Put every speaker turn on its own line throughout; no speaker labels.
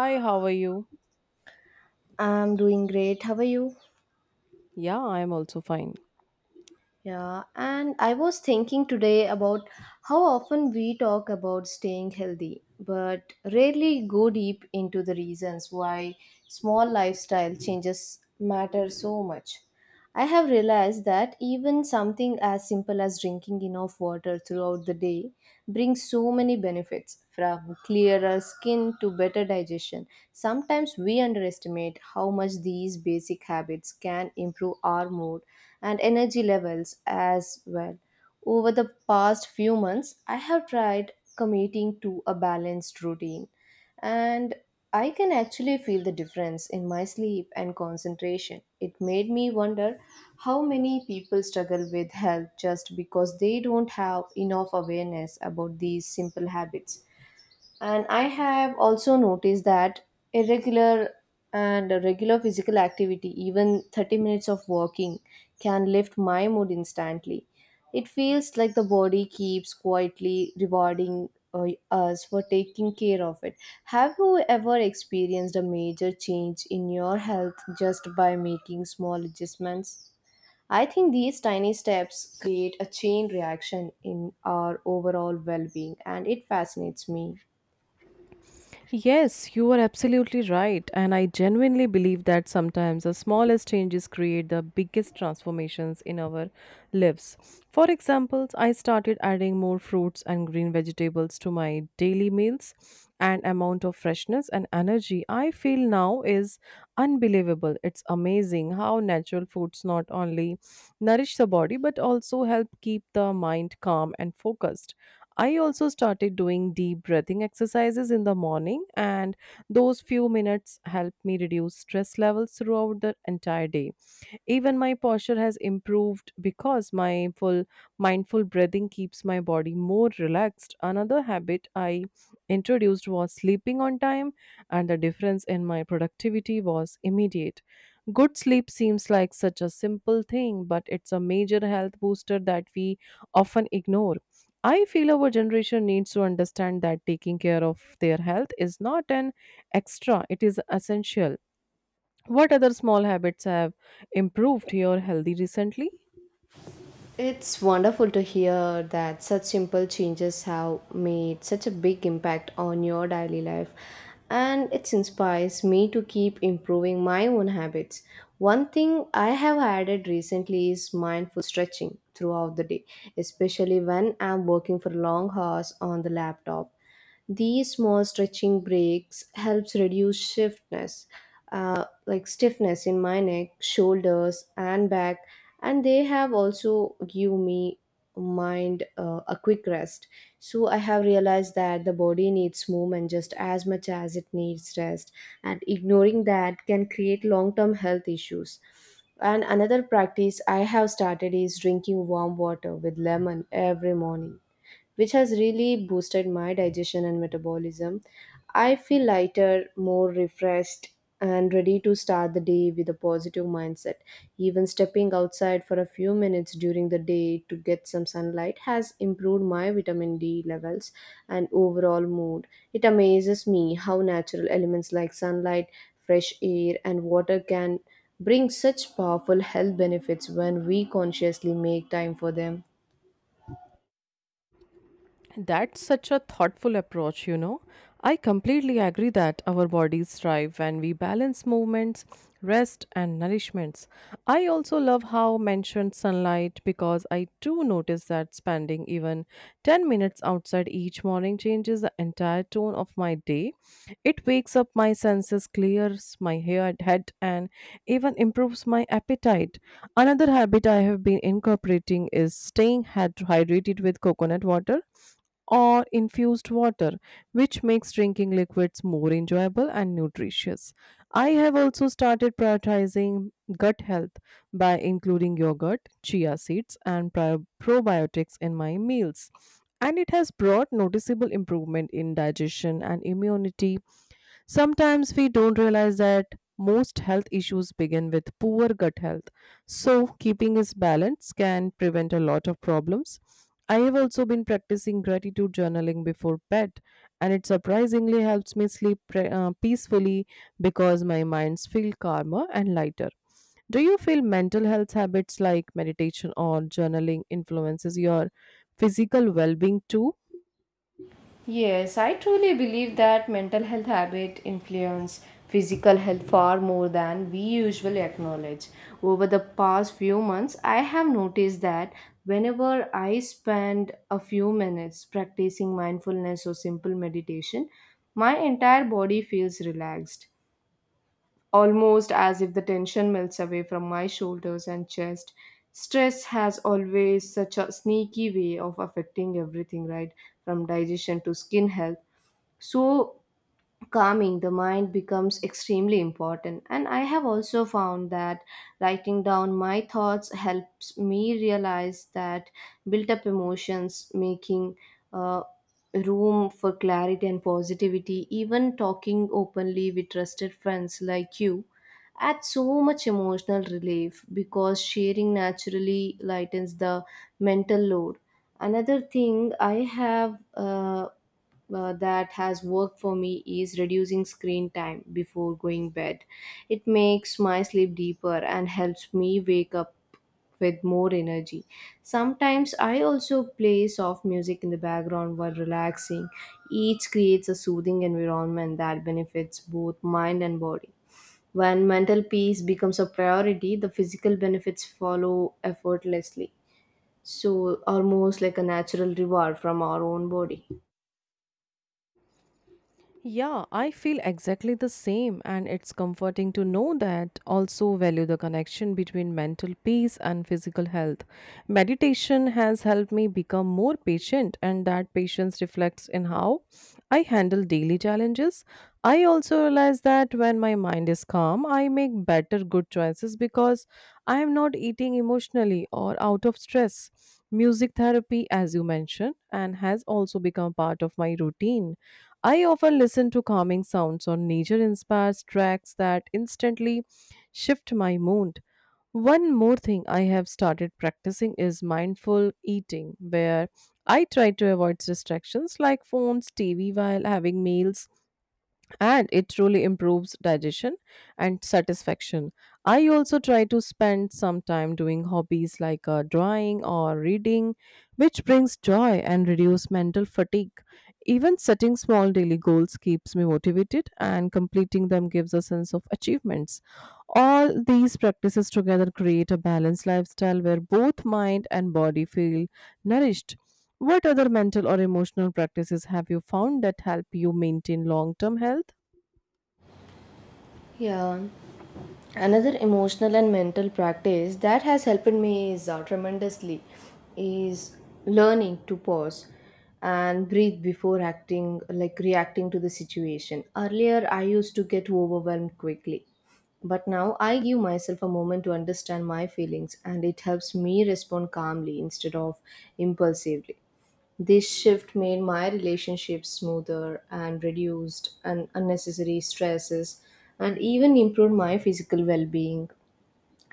Hi, how are you?
I'm doing great. How are you?
Yeah, I'm also fine.
Yeah, and I was thinking today about how often we talk about staying healthy, but rarely go deep into the reasons why small lifestyle changes matter so much. I have realized that even something as simple as drinking enough water throughout the day brings so many benefits, from clearer skin to better digestion. Sometimes we underestimate how much these basic habits can improve our mood and energy levels as well. Over the past few months, I have tried committing to a balanced routine, and I can actually feel the difference in my sleep and concentration. It made me wonder how many people struggle with health just because they don't have enough awareness about these simple habits. And I have also noticed that irregular and regular physical activity, even 30 minutes of walking, can lift my mood instantly. It feels like the body keeps quietly rewarding us for taking care of it. Have you ever experienced a major change in your health just by making small adjustments? I think these tiny steps create a chain reaction in our overall well being, and it fascinates me.
Yes, you are absolutely right. And I genuinely believe that sometimes the smallest changes create the biggest transformations in our lives. For example, I started adding more fruits and green vegetables to my daily meals, and amount of freshness and energy I feel now is unbelievable. It's amazing how natural foods not only nourish the body but also help keep the mind calm and focused. I also started doing deep breathing exercises in the morning, and those few minutes help me reduce stress levels throughout the entire day. Even my posture has improved because my full mindful breathing keeps my body more relaxed. Another habit I introduced was sleeping on time, and the difference in my productivity was immediate. Good sleep seems like such a simple thing, but it's a major health booster that we often ignore. I feel our generation needs to understand that taking care of their health is not an extra, it is essential. What other small habits have improved your healthy recently?
It's wonderful to hear that such simple changes have made such a big impact on your daily life, and it inspires me to keep improving my own habits. One thing I have added recently is mindful stretching throughout the day, especially when I'm working for long hours on the laptop. These small stretching breaks helps reduce stiffness, stiffness in my neck, shoulders, and back, and they have also give me mind a quick rest. So I have realized that the body needs movement just as much as it needs rest, and ignoring that can create long-term health issues. And another practice I have started is drinking warm water with lemon every morning, which has really boosted my digestion and metabolism. I feel lighter, more refreshed, and ready to start the day with a positive mindset. Even stepping outside for a few minutes during the day to get some sunlight has improved my vitamin D levels and overall mood. It amazes me how natural elements like sunlight, fresh air, and water can bring such powerful health benefits when we consciously make time for them.
That's such a thoughtful approach, you know. I completely agree that our bodies thrive when we balance movements, rest, and nourishments. I also love how mentioned sunlight because I do notice that spending even 10 minutes outside each morning changes the entire tone of my day. It wakes up my senses, clears my head, and even improves my appetite. Another habit I have been incorporating is staying hydrated with coconut water or infused water, which makes drinking liquids more enjoyable and nutritious. I have also started prioritizing gut health by including yogurt, chia seeds, and probiotics in my meals. And it has brought noticeable improvement in digestion and immunity. Sometimes we don't realize that most health issues begin with poor gut health. So, keeping its balance can prevent a lot of problems. I have also been practicing gratitude journaling before bed, and it surprisingly helps me sleep peacefully because my minds feel calmer and lighter. Do you feel mental health habits like meditation or journaling influences your physical well-being too?
Yes, I truly believe that mental health habit influence physical health far more than we usually acknowledge. Over the past few months, I have noticed that whenever I spend a few minutes practicing mindfulness or simple meditation, my entire body feels relaxed, almost as if the tension melts away from my shoulders and chest. Stress has always such a sneaky way of affecting everything, right? From digestion to skin health, so calming the mind becomes extremely important. And I have also found that writing down my thoughts helps me realize that built up emotions making uh, room for clarity and positivity. Even talking openly with trusted friends like you adds so much emotional relief because sharing naturally lightens the mental load. Another thing I have that has worked for me is reducing screen time before going bed. It makes my sleep deeper and helps me wake up with more energy. Sometimes I also play soft music in the background while relaxing. Each creates a soothing environment that benefits both mind and body. When mental peace becomes a priority, the physical benefits follow effortlessly. So, almost like a natural reward from our own body.
Yeah, I feel exactly the same, and it's comforting to know that also value the connection between mental peace and physical health. Meditation has helped me become more patient, and that patience reflects in how I handle daily challenges. I also realize that when my mind is calm, I make better good choices because I am not eating emotionally or out of stress. Music therapy, as you mentioned, and has also become part of my routine. I often listen to calming sounds or nature inspired tracks that instantly shift my mood. One more thing I have started practicing is mindful eating, where I try to avoid distractions like phones, TV while having meals, and it truly improves digestion and satisfaction. I also try to spend some time doing hobbies like drawing or reading, which brings joy and reduce mental fatigue. Even setting small daily goals keeps me motivated, and completing them gives a sense of achievements. All these practices together create a balanced lifestyle where both mind and body feel nourished. What other mental or emotional practices have you found that help you maintain long term health?
Yeah. Another emotional and mental practice that has helped me is tremendously is learning to pause and breathe before acting like reacting to the situation. Earlier I used to get overwhelmed quickly. But now I give myself a moment to understand my feelings, and it helps me respond calmly instead of impulsively. This shift made my relationship smoother and reduced unnecessary stresses and even improved my physical well being.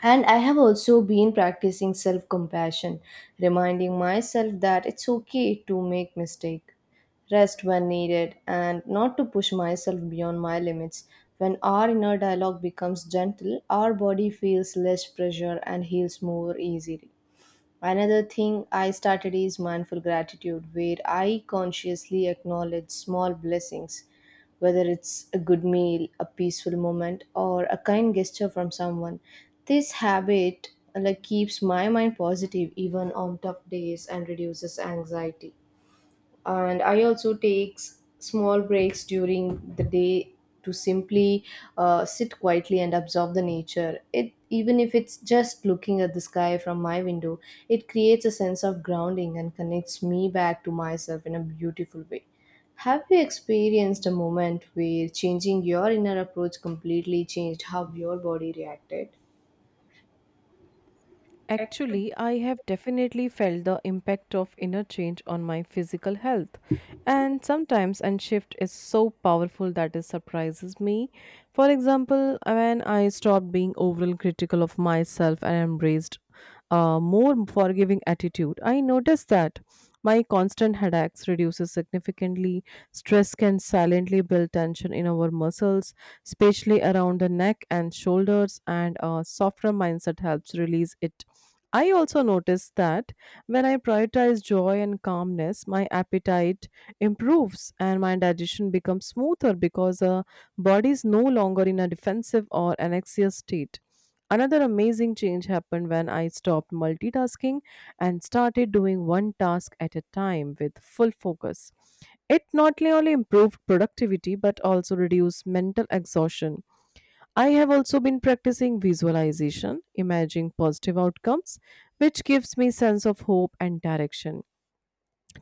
And I have also been practicing self compassion, reminding myself that it's okay to make mistakes, rest when needed, and not to push myself beyond my limits. When our inner dialogue becomes gentle, our body feels less pressure and heals more easily. Another thing I started is mindful gratitude, where I consciously acknowledge small blessings, whether it's a good meal, a peaceful moment, or a kind gesture from someone. This habit like keeps my mind positive even on tough days and reduces anxiety. And I also take small breaks during the day to simply sit quietly and observe the nature it, even if it's just looking at the sky from my window. It creates a sense of grounding and connects me back to myself in a beautiful way. Have you experienced a moment where changing your inner approach completely changed how your body reacted?
Actually, I have definitely felt the impact of inner change on my physical health. And sometimes and shift is so powerful that it surprises me. For example, when I stopped being overall critical of myself and embraced more forgiving attitude. I noticed that my constant headaches reduces significantly. Stress can silently build tension in our muscles, especially around the neck and shoulders, and a softer mindset helps release it. I also noticed that when I prioritize joy and calmness, my appetite improves and my digestion becomes smoother because the body is no longer in a defensive or anxious state. Another amazing change happened when I stopped multitasking and started doing one task at a time with full focus. It not only improved productivity but also reduced mental exhaustion. I have also been practicing visualization, imagining positive outcomes, which gives me sense of hope and direction.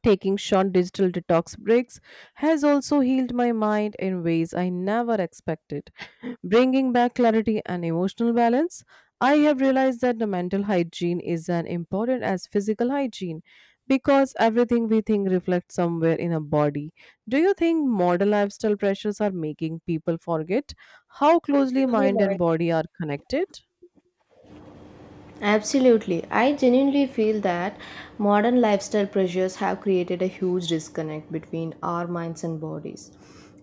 Taking short digital detox breaks has also healed my mind in ways I never expected, bringing back clarity and emotional balance. I have realized that the mental hygiene is as important as physical hygiene because everything we think reflects somewhere in our body. Do you think modern lifestyle pressures are making people forget how closely
Totally,
mind and
Monica.
body are connected?
Absolutely. I genuinely feel that modern lifestyle pressures have created a huge disconnect between our minds and bodies.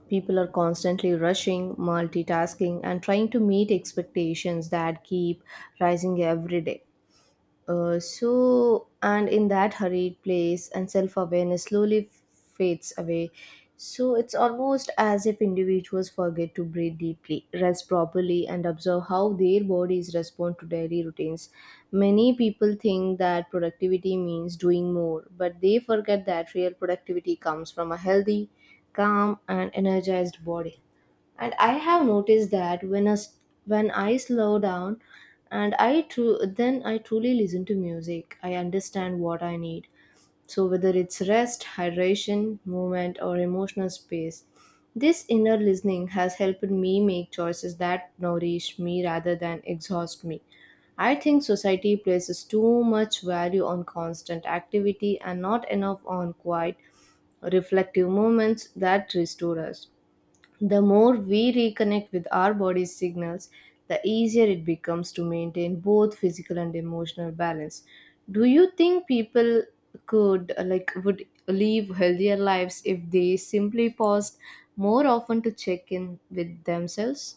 People are constantly rushing, multitasking, and trying to meet expectations that keep rising every day. So, and in that hurried place, and self awareness slowly fades away. So, it's almost as if individuals forget to breathe deeply, rest properly, and observe how their bodies respond to daily routines. Many people think that productivity means doing more, but they forget that real productivity comes from a healthy, calm, and energized body. And I have noticed that when I slow down and then I truly listen to music, I understand what I need. So, whether it's rest, hydration, movement, or emotional space, this inner listening has helped me make choices that nourish me rather than exhaust me. I think society places too much value on constant activity and not enough on quiet reflective moments that restore us. The more we reconnect with our body's signals, the easier it becomes to maintain both physical and emotional balance. Do you think people could like would live healthier lives if they simply paused more often to check in with themselves?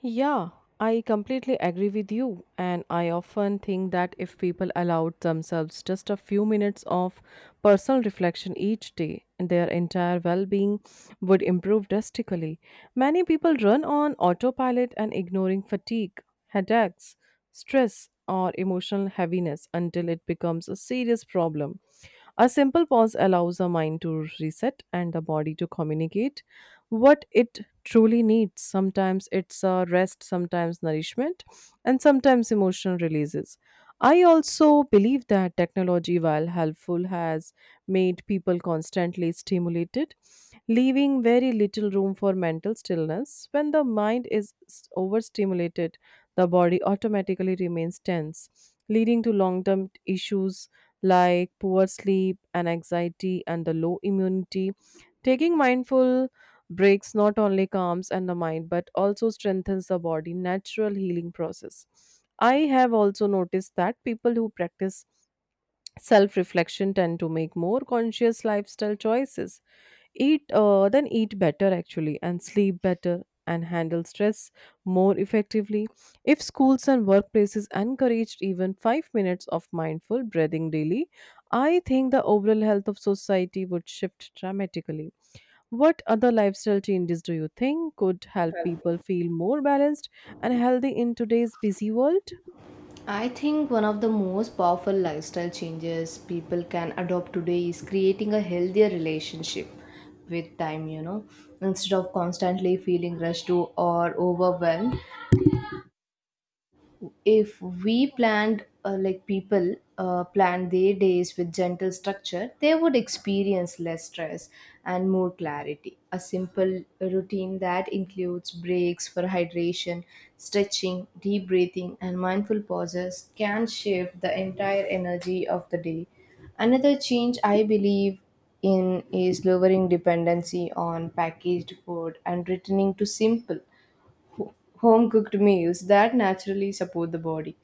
Yeah, I completely agree with you. And I often think that if people allowed themselves just a few minutes of personal reflection each day, their entire well being would improve drastically. Many people run on autopilot and ignoring fatigue, headaches, stress, or emotional heaviness until it becomes a serious problem. A simple pause allows the mind to reset and the body to communicate what it truly needs. Sometimes it's a rest, sometimes nourishment, and sometimes emotional releases. I also believe that technology, while helpful, has made people constantly stimulated, leaving very little room for mental stillness. When the mind is overstimulated, the body automatically remains tense, leading to long term issues like poor sleep and anxiety and the low immunity. Taking mindful breaks not only calms and the mind but also strengthens the body natural healing process. I have also noticed that people who practice self reflection tend to make more conscious lifestyle choices, eat then eat better actually and sleep better and handle stress more effectively. If schools and workplaces encouraged even 5 minutes of mindful breathing daily, I think the overall health of society would shift dramatically. What other lifestyle changes do you think could help people feel more balanced and healthy in today's busy world?
I think one of the most powerful lifestyle changes people can adopt today is creating a healthier relationship with time, instead of constantly feeling rushed to or overwhelmed. If we planned like people plan their days with gentle structure, they would experience less stress and more clarity. A simple routine that includes breaks for hydration, stretching, deep breathing, and mindful pauses can shift the entire energy of the day. Another change I believe in is lowering dependency on packaged food and returning to simple home cooked meals that naturally support the body.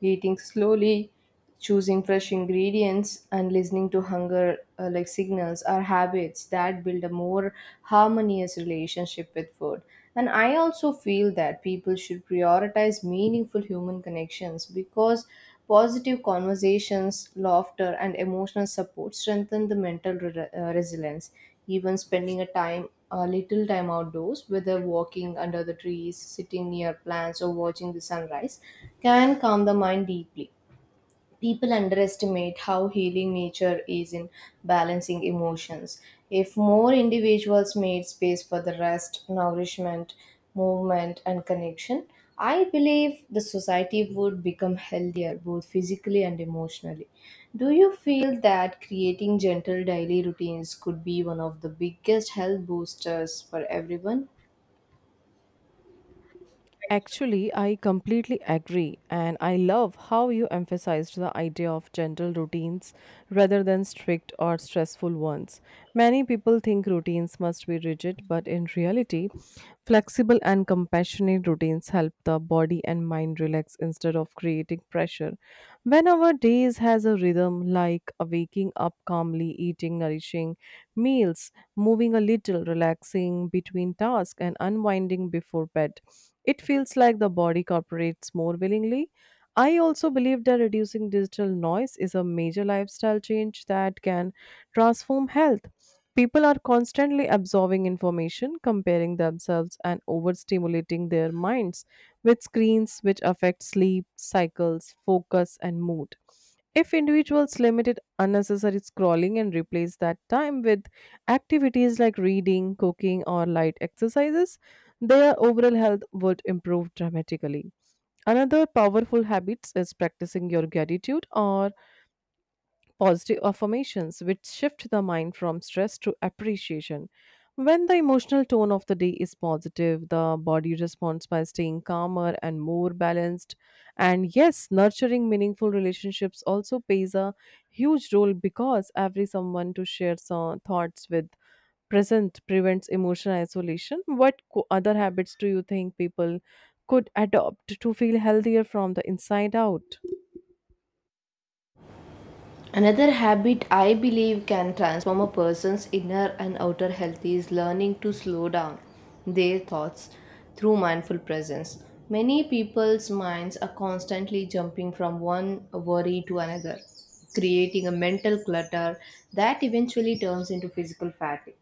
Eating slowly, choosing fresh ingredients, and listening to hunger signals are habits that build a more harmonious relationship with food. And I also feel that people should prioritize meaningful human connections because positive conversations, laughter, and emotional support strengthen the mental resilience. Even spending a little time outdoors, whether walking under the trees, sitting near plants, or watching the sunrise, can calm the mind deeply. People underestimate how healing nature is in balancing emotions. If more individuals made space for the rest, nourishment, movement, and connection, I believe the society would become healthier both physically and emotionally. Do you feel that creating gentle daily routines could be one of the biggest health boosters for everyone?
Actually, I completely agree, and I love how you emphasized the idea of gentle routines rather than strict or stressful ones. Many people think routines must be rigid, but in reality, flexible and compassionate routines help the body and mind relax instead of creating pressure. When our days has a rhythm like a waking up calmly, eating nourishing meals, moving a little, relaxing between tasks, and unwinding before bed, it feels like the body cooperates more willingly. I also believe that reducing digital noise is a major lifestyle change that can transform health. People are constantly absorbing information, comparing themselves, and overstimulating their minds with screens, which affect sleep, cycles, focus, and mood. If individuals limited unnecessary scrolling and replace that time with activities like reading, cooking, or light exercises, their overall health would improve dramatically. Another powerful habit is practicing your gratitude or positive affirmations, which shift the mind from stress to appreciation. When the emotional tone of the day is positive, the body responds by staying calmer and more balanced. And yes, nurturing meaningful relationships also plays a huge role because every someone to share some thoughts with present prevents emotional isolation. What other habits do you think people could adopt to feel healthier from the inside out?
Another habit I believe can transform a person's inner and outer health is learning to slow down their thoughts through mindful presence. Many people's minds are constantly jumping from one worry to another, creating a mental clutter that eventually turns into physical fatigue.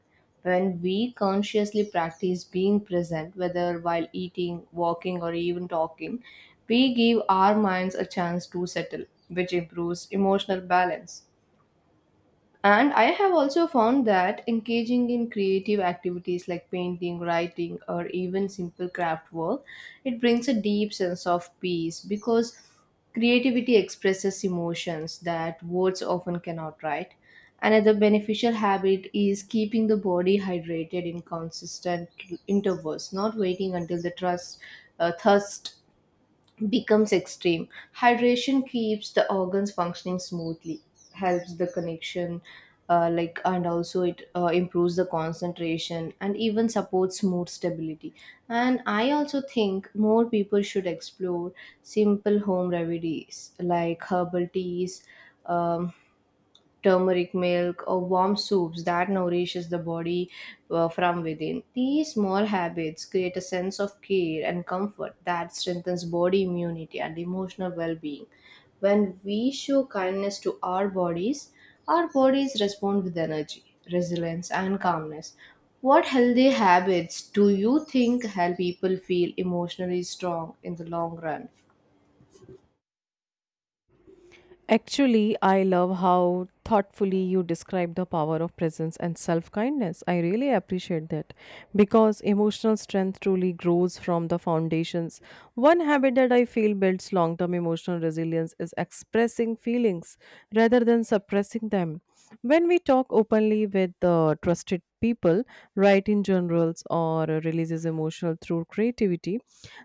When we consciously practice being present, whether while eating, walking, or even talking, we give our minds a chance to settle, which improves emotional balance. And I have also found that engaging in creative activities like painting, writing, or even simple craft work, it brings a deep sense of peace because creativity expresses emotions that words often cannot write. Another beneficial habit is keeping the body hydrated in consistent intervals, not waiting until the thirst becomes extreme. Hydration keeps the organs functioning smoothly, helps the connection, and also it improves the concentration and even supports mood stability. And I also think more people should explore simple home remedies like herbal teas. Um, Turmeric milk, or warm soups that nourishes the body from within. These small habits create a sense of care and comfort that strengthens body immunity and emotional well-being. When we show kindness to our bodies respond with energy, resilience, and calmness. What healthy habits do you think help people feel emotionally strong in the long run?
Actually, I love how thoughtfully you describe the power of presence and self kindness. I really appreciate that because emotional strength truly grows from the foundations. One habit that I feel builds long term emotional resilience is expressing feelings rather than suppressing them. When we talk openly with trusted people, write in journals, or releases emotional through creativity,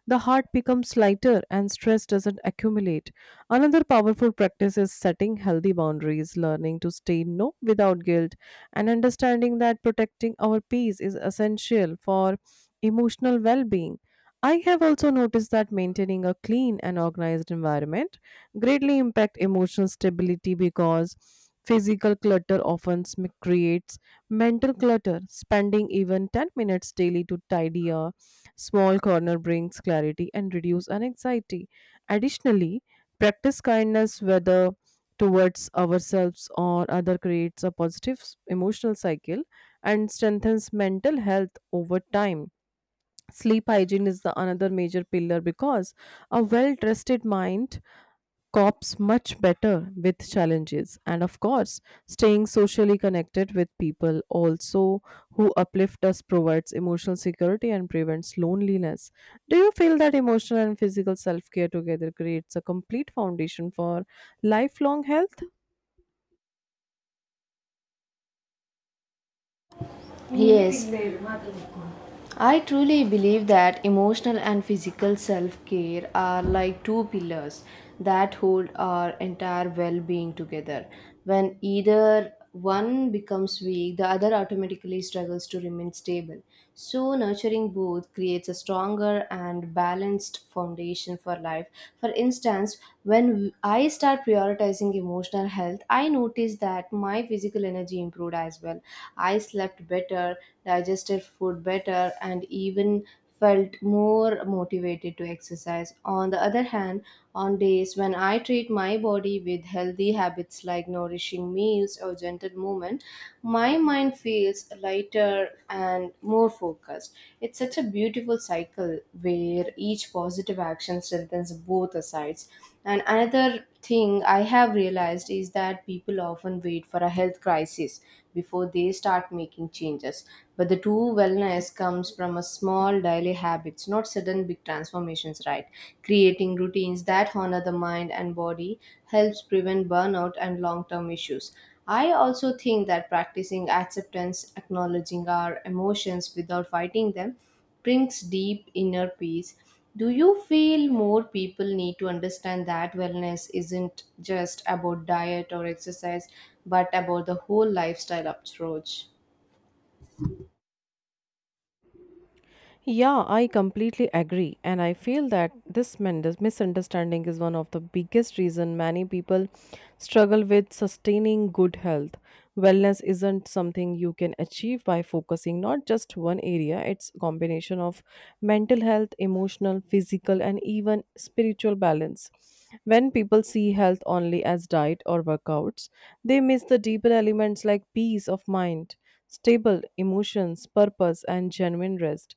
the heart becomes lighter and stress doesn't accumulate. Another powerful practice is setting healthy boundaries, learning to say no without guilt, and understanding that protecting our peace is essential for emotional well being. I have also noticed that maintaining a clean and organized environment greatly impact emotional stability because physical clutter often creates mental clutter. Spending even 10 minutes daily to tidy a small corner brings clarity and reduce anxiety. Additionally, practice kindness, whether towards ourselves or other, creates a positive emotional cycle and strengthens mental health over time. Sleep hygiene is the another major pillar because a well-rested mind copes much better with challenges, and of course staying socially connected with people also who uplift us provides emotional security and prevents loneliness. Do you feel that emotional and physical self-care together creates a complete foundation for lifelong health?
Yes, I truly believe that emotional and physical self care are like two pillars that hold our entire well being together. When either one becomes weak, the other automatically struggles to remain stable. So, nurturing both creates a stronger and balanced foundation for life. For instance, when I start prioritizing emotional health, I notice that my physical energy improved as well. I slept better, digested food better, and even felt more motivated to exercise. On the other hand, on days when I treat my body with healthy habits like nourishing meals or gentle movement, my mind feels lighter and more focused. It's such a beautiful cycle where each positive action strengthens both the sides. And another thing I have realized is that people often wait for a health crisis before they start making changes, but the true wellness comes from a small daily habits, not sudden big transformations, right? Creating routines that honor the mind and body helps prevent burnout and long-term issues. I also think that practicing acceptance, acknowledging our emotions without fighting them, brings deep inner peace. Do you feel more people need to understand that wellness isn't just about diet or exercise, but about the whole lifestyle approach?
Yeah, I completely agree, and I feel that this misunderstanding is one of the biggest reason many people struggle with sustaining good health. Wellness isn't something you can achieve by focusing not just one area. It's a combination of mental health, emotional, physical, and even spiritual balance. When people see health only as diet or workouts, they miss the deeper elements like peace of mind, stable emotions, purpose, and genuine rest.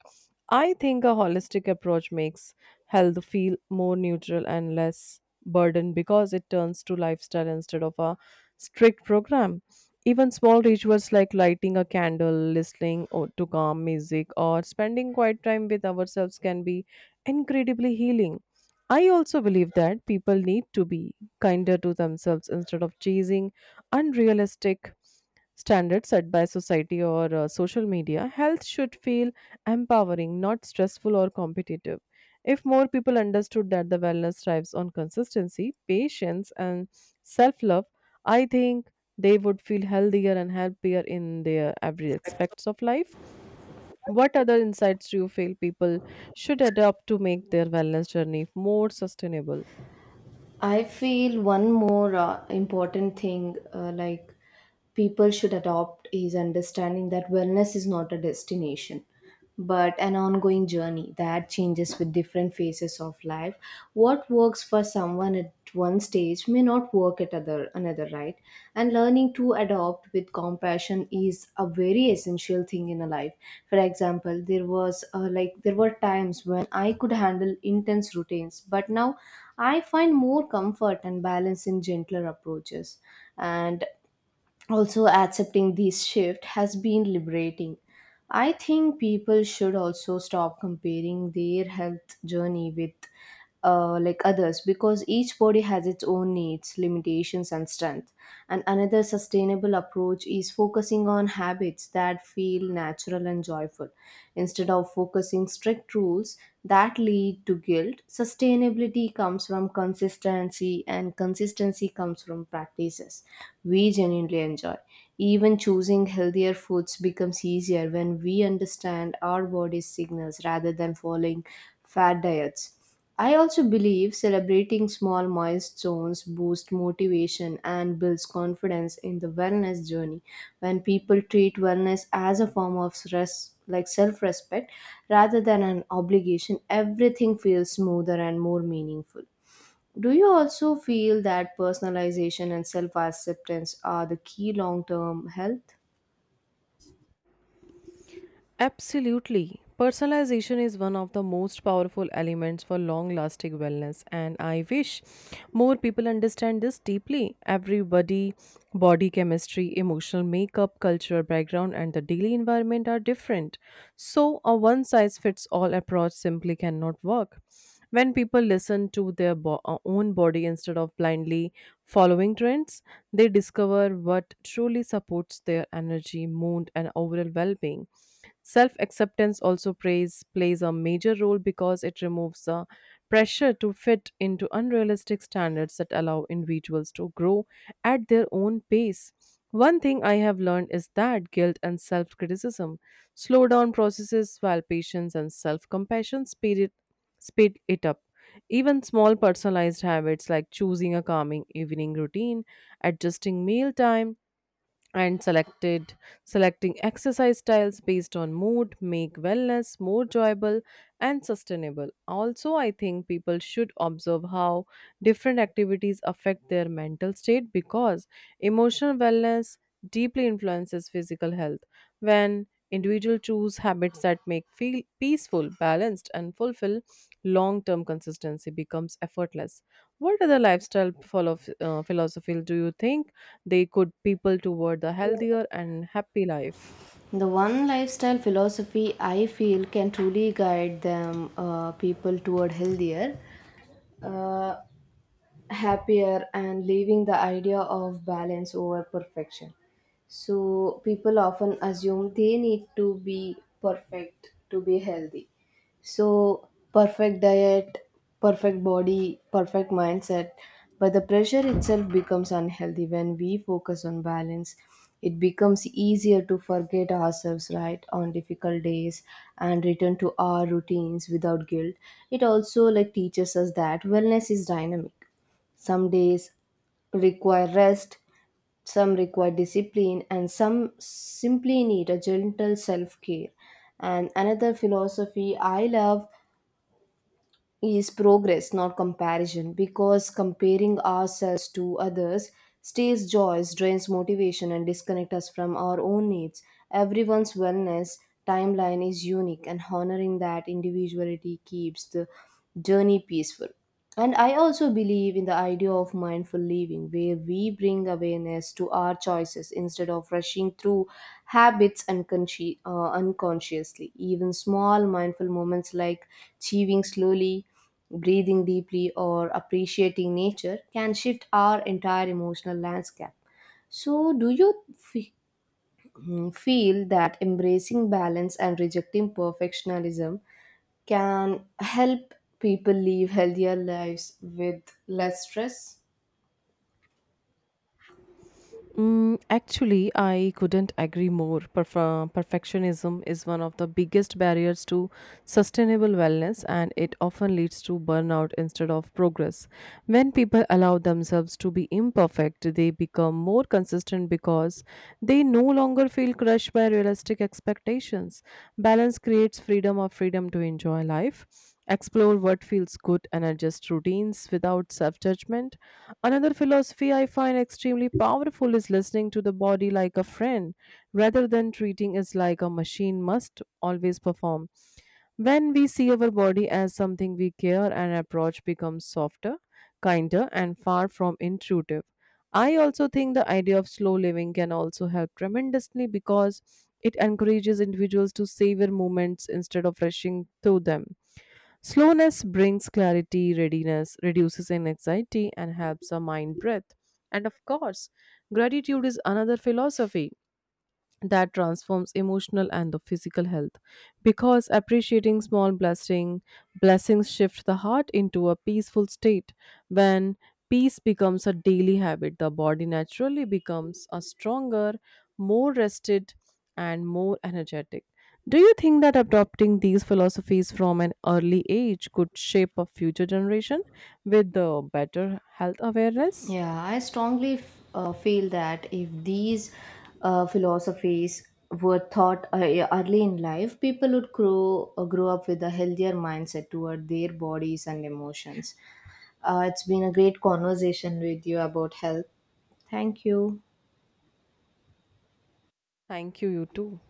I think a holistic approach makes health feel more neutral and less burden because it turns to lifestyle instead of a strict program. Even small rituals like lighting a candle, listening to calm music, or spending quiet time with ourselves can be incredibly healing. I also believe that people need to be kinder to themselves instead of chasing unrealistic standards set by society or social media. Health should feel empowering, not stressful or competitive. If more people understood that the wellness thrives on consistency, patience, and self love, I think they would feel healthier and happier in their every aspects of life. What other insights do you feel people should adopt to make their wellness journey more sustainable?
I feel one more important thing, like, people should adopt is understanding that wellness is not a destination but an ongoing journey that changes with different phases of life. What works for someone at one stage may not work at other another, right? And learning to adopt with compassion is a very essential thing in a life. For example, there was there were times when I could handle intense routines, but now I find more comfort and balance in gentler approaches. And also, accepting this shift has been liberating. I think people should also stop comparing their health journey with, others, because each body has its own needs, limitations, and strength. And another sustainable approach is focusing on habits that feel natural and joyful instead of focusing strict rules that lead to guilt. Sustainability comes from consistency, and consistency comes from practices we genuinely enjoy. Even choosing healthier foods becomes easier when we understand our body's signals rather than following fad diets. I also believe celebrating small milestones boosts motivation and builds confidence in the wellness journey. When people treat wellness as a form of stress, like self respect, rather than an obligation, everything feels smoother and more meaningful. Do you also feel that personalization and self acceptance are the key long term health?
Absolutely. Personalization is one of the most powerful elements for long lasting wellness, and I wish more people understand this deeply. Everybody, body chemistry, emotional makeup, cultural background, and the daily environment are different. So, a one size fits all approach simply cannot work. When people listen to their own body instead of blindly following trends, they discover what truly supports their energy, mood, and overall well being. Self acceptance also plays a major role because it removes the pressure to fit into unrealistic standards that allow individuals to grow at their own pace. One thing I have learned is that guilt and self criticism slow down processes while patience and self compassion speed it up. Even small personalized habits like choosing a calming evening routine, adjusting meal time, and selected selecting exercise styles based on mood make wellness more enjoyable and sustainable. Also, I think people should observe how different activities affect their mental state because emotional wellness deeply influences physical health. When individuals choose habits that make feel peaceful balanced and fulfill, long term consistency becomes effortless. What other lifestyle philosophy do you think they could people toward the healthier and happy life?
The one lifestyle philosophy I feel can truly guide them, people, toward healthier, Uh, happier, and leaving the idea of balance over perfection. So, people often assume they need to be perfect to be healthy. So, perfect diet, perfect body, perfect mindset. But the pressure itself becomes unhealthy. When we focus on balance, it becomes easier to forget ourselves, right, on difficult days, and return to our routines without guilt. It also like teaches us that wellness is dynamic. Some days require rest, some require discipline, and some simply need a gentle self care. And another philosophy I love is progress, not comparison, because comparing ourselves to others steals joy, drains motivation, and disconnects us from our own needs. Everyone's wellness timeline is unique, and honoring that individuality keeps the journey peaceful. And I also believe in the idea of mindful living, where we bring awareness to our choices instead of rushing through habits unconsciously. Even small mindful moments like chewing slowly, breathing deeply, or appreciating nature can shift our entire emotional landscape. So, do you feel that embracing balance and rejecting perfectionism can help people live healthier lives with less stress?
Actually, I couldn't agree more. Perfectionism is one of the biggest barriers to sustainable wellness, and it often leads to burnout instead of progress. When people allow themselves to be imperfect, they become more consistent because they no longer feel crushed by realistic expectations. Balance creates freedom or freedom to enjoy life, explore what feels good, and adjust routines without self judgment. Another philosophy I find extremely powerful is listening to the body like a friend rather than treating it like a machine must always perform. When we see our body as something we care, an approach becomes softer, kinder, and far from intrusive. I also think the idea of slow living can also help tremendously because it encourages individuals to savor moments instead of rushing through them. Slowness brings clarity, readiness, reduces anxiety, and helps our mind breathe. And of course, gratitude is another philosophy that transforms emotional and the physical health because appreciating small blessing blessings shift the heart into a peaceful state. When peace becomes a daily habit, the body naturally becomes a stronger, more rested, and more energetic. Do you think that adopting these philosophies from an early age could shape a future generation with the better health awareness?
Yeah, I strongly feel that if these philosophies were taught early in life, people would grow up with a healthier mindset toward their bodies and emotions. It's been a great conversation with you about health. Thank you.
Thank you. You too.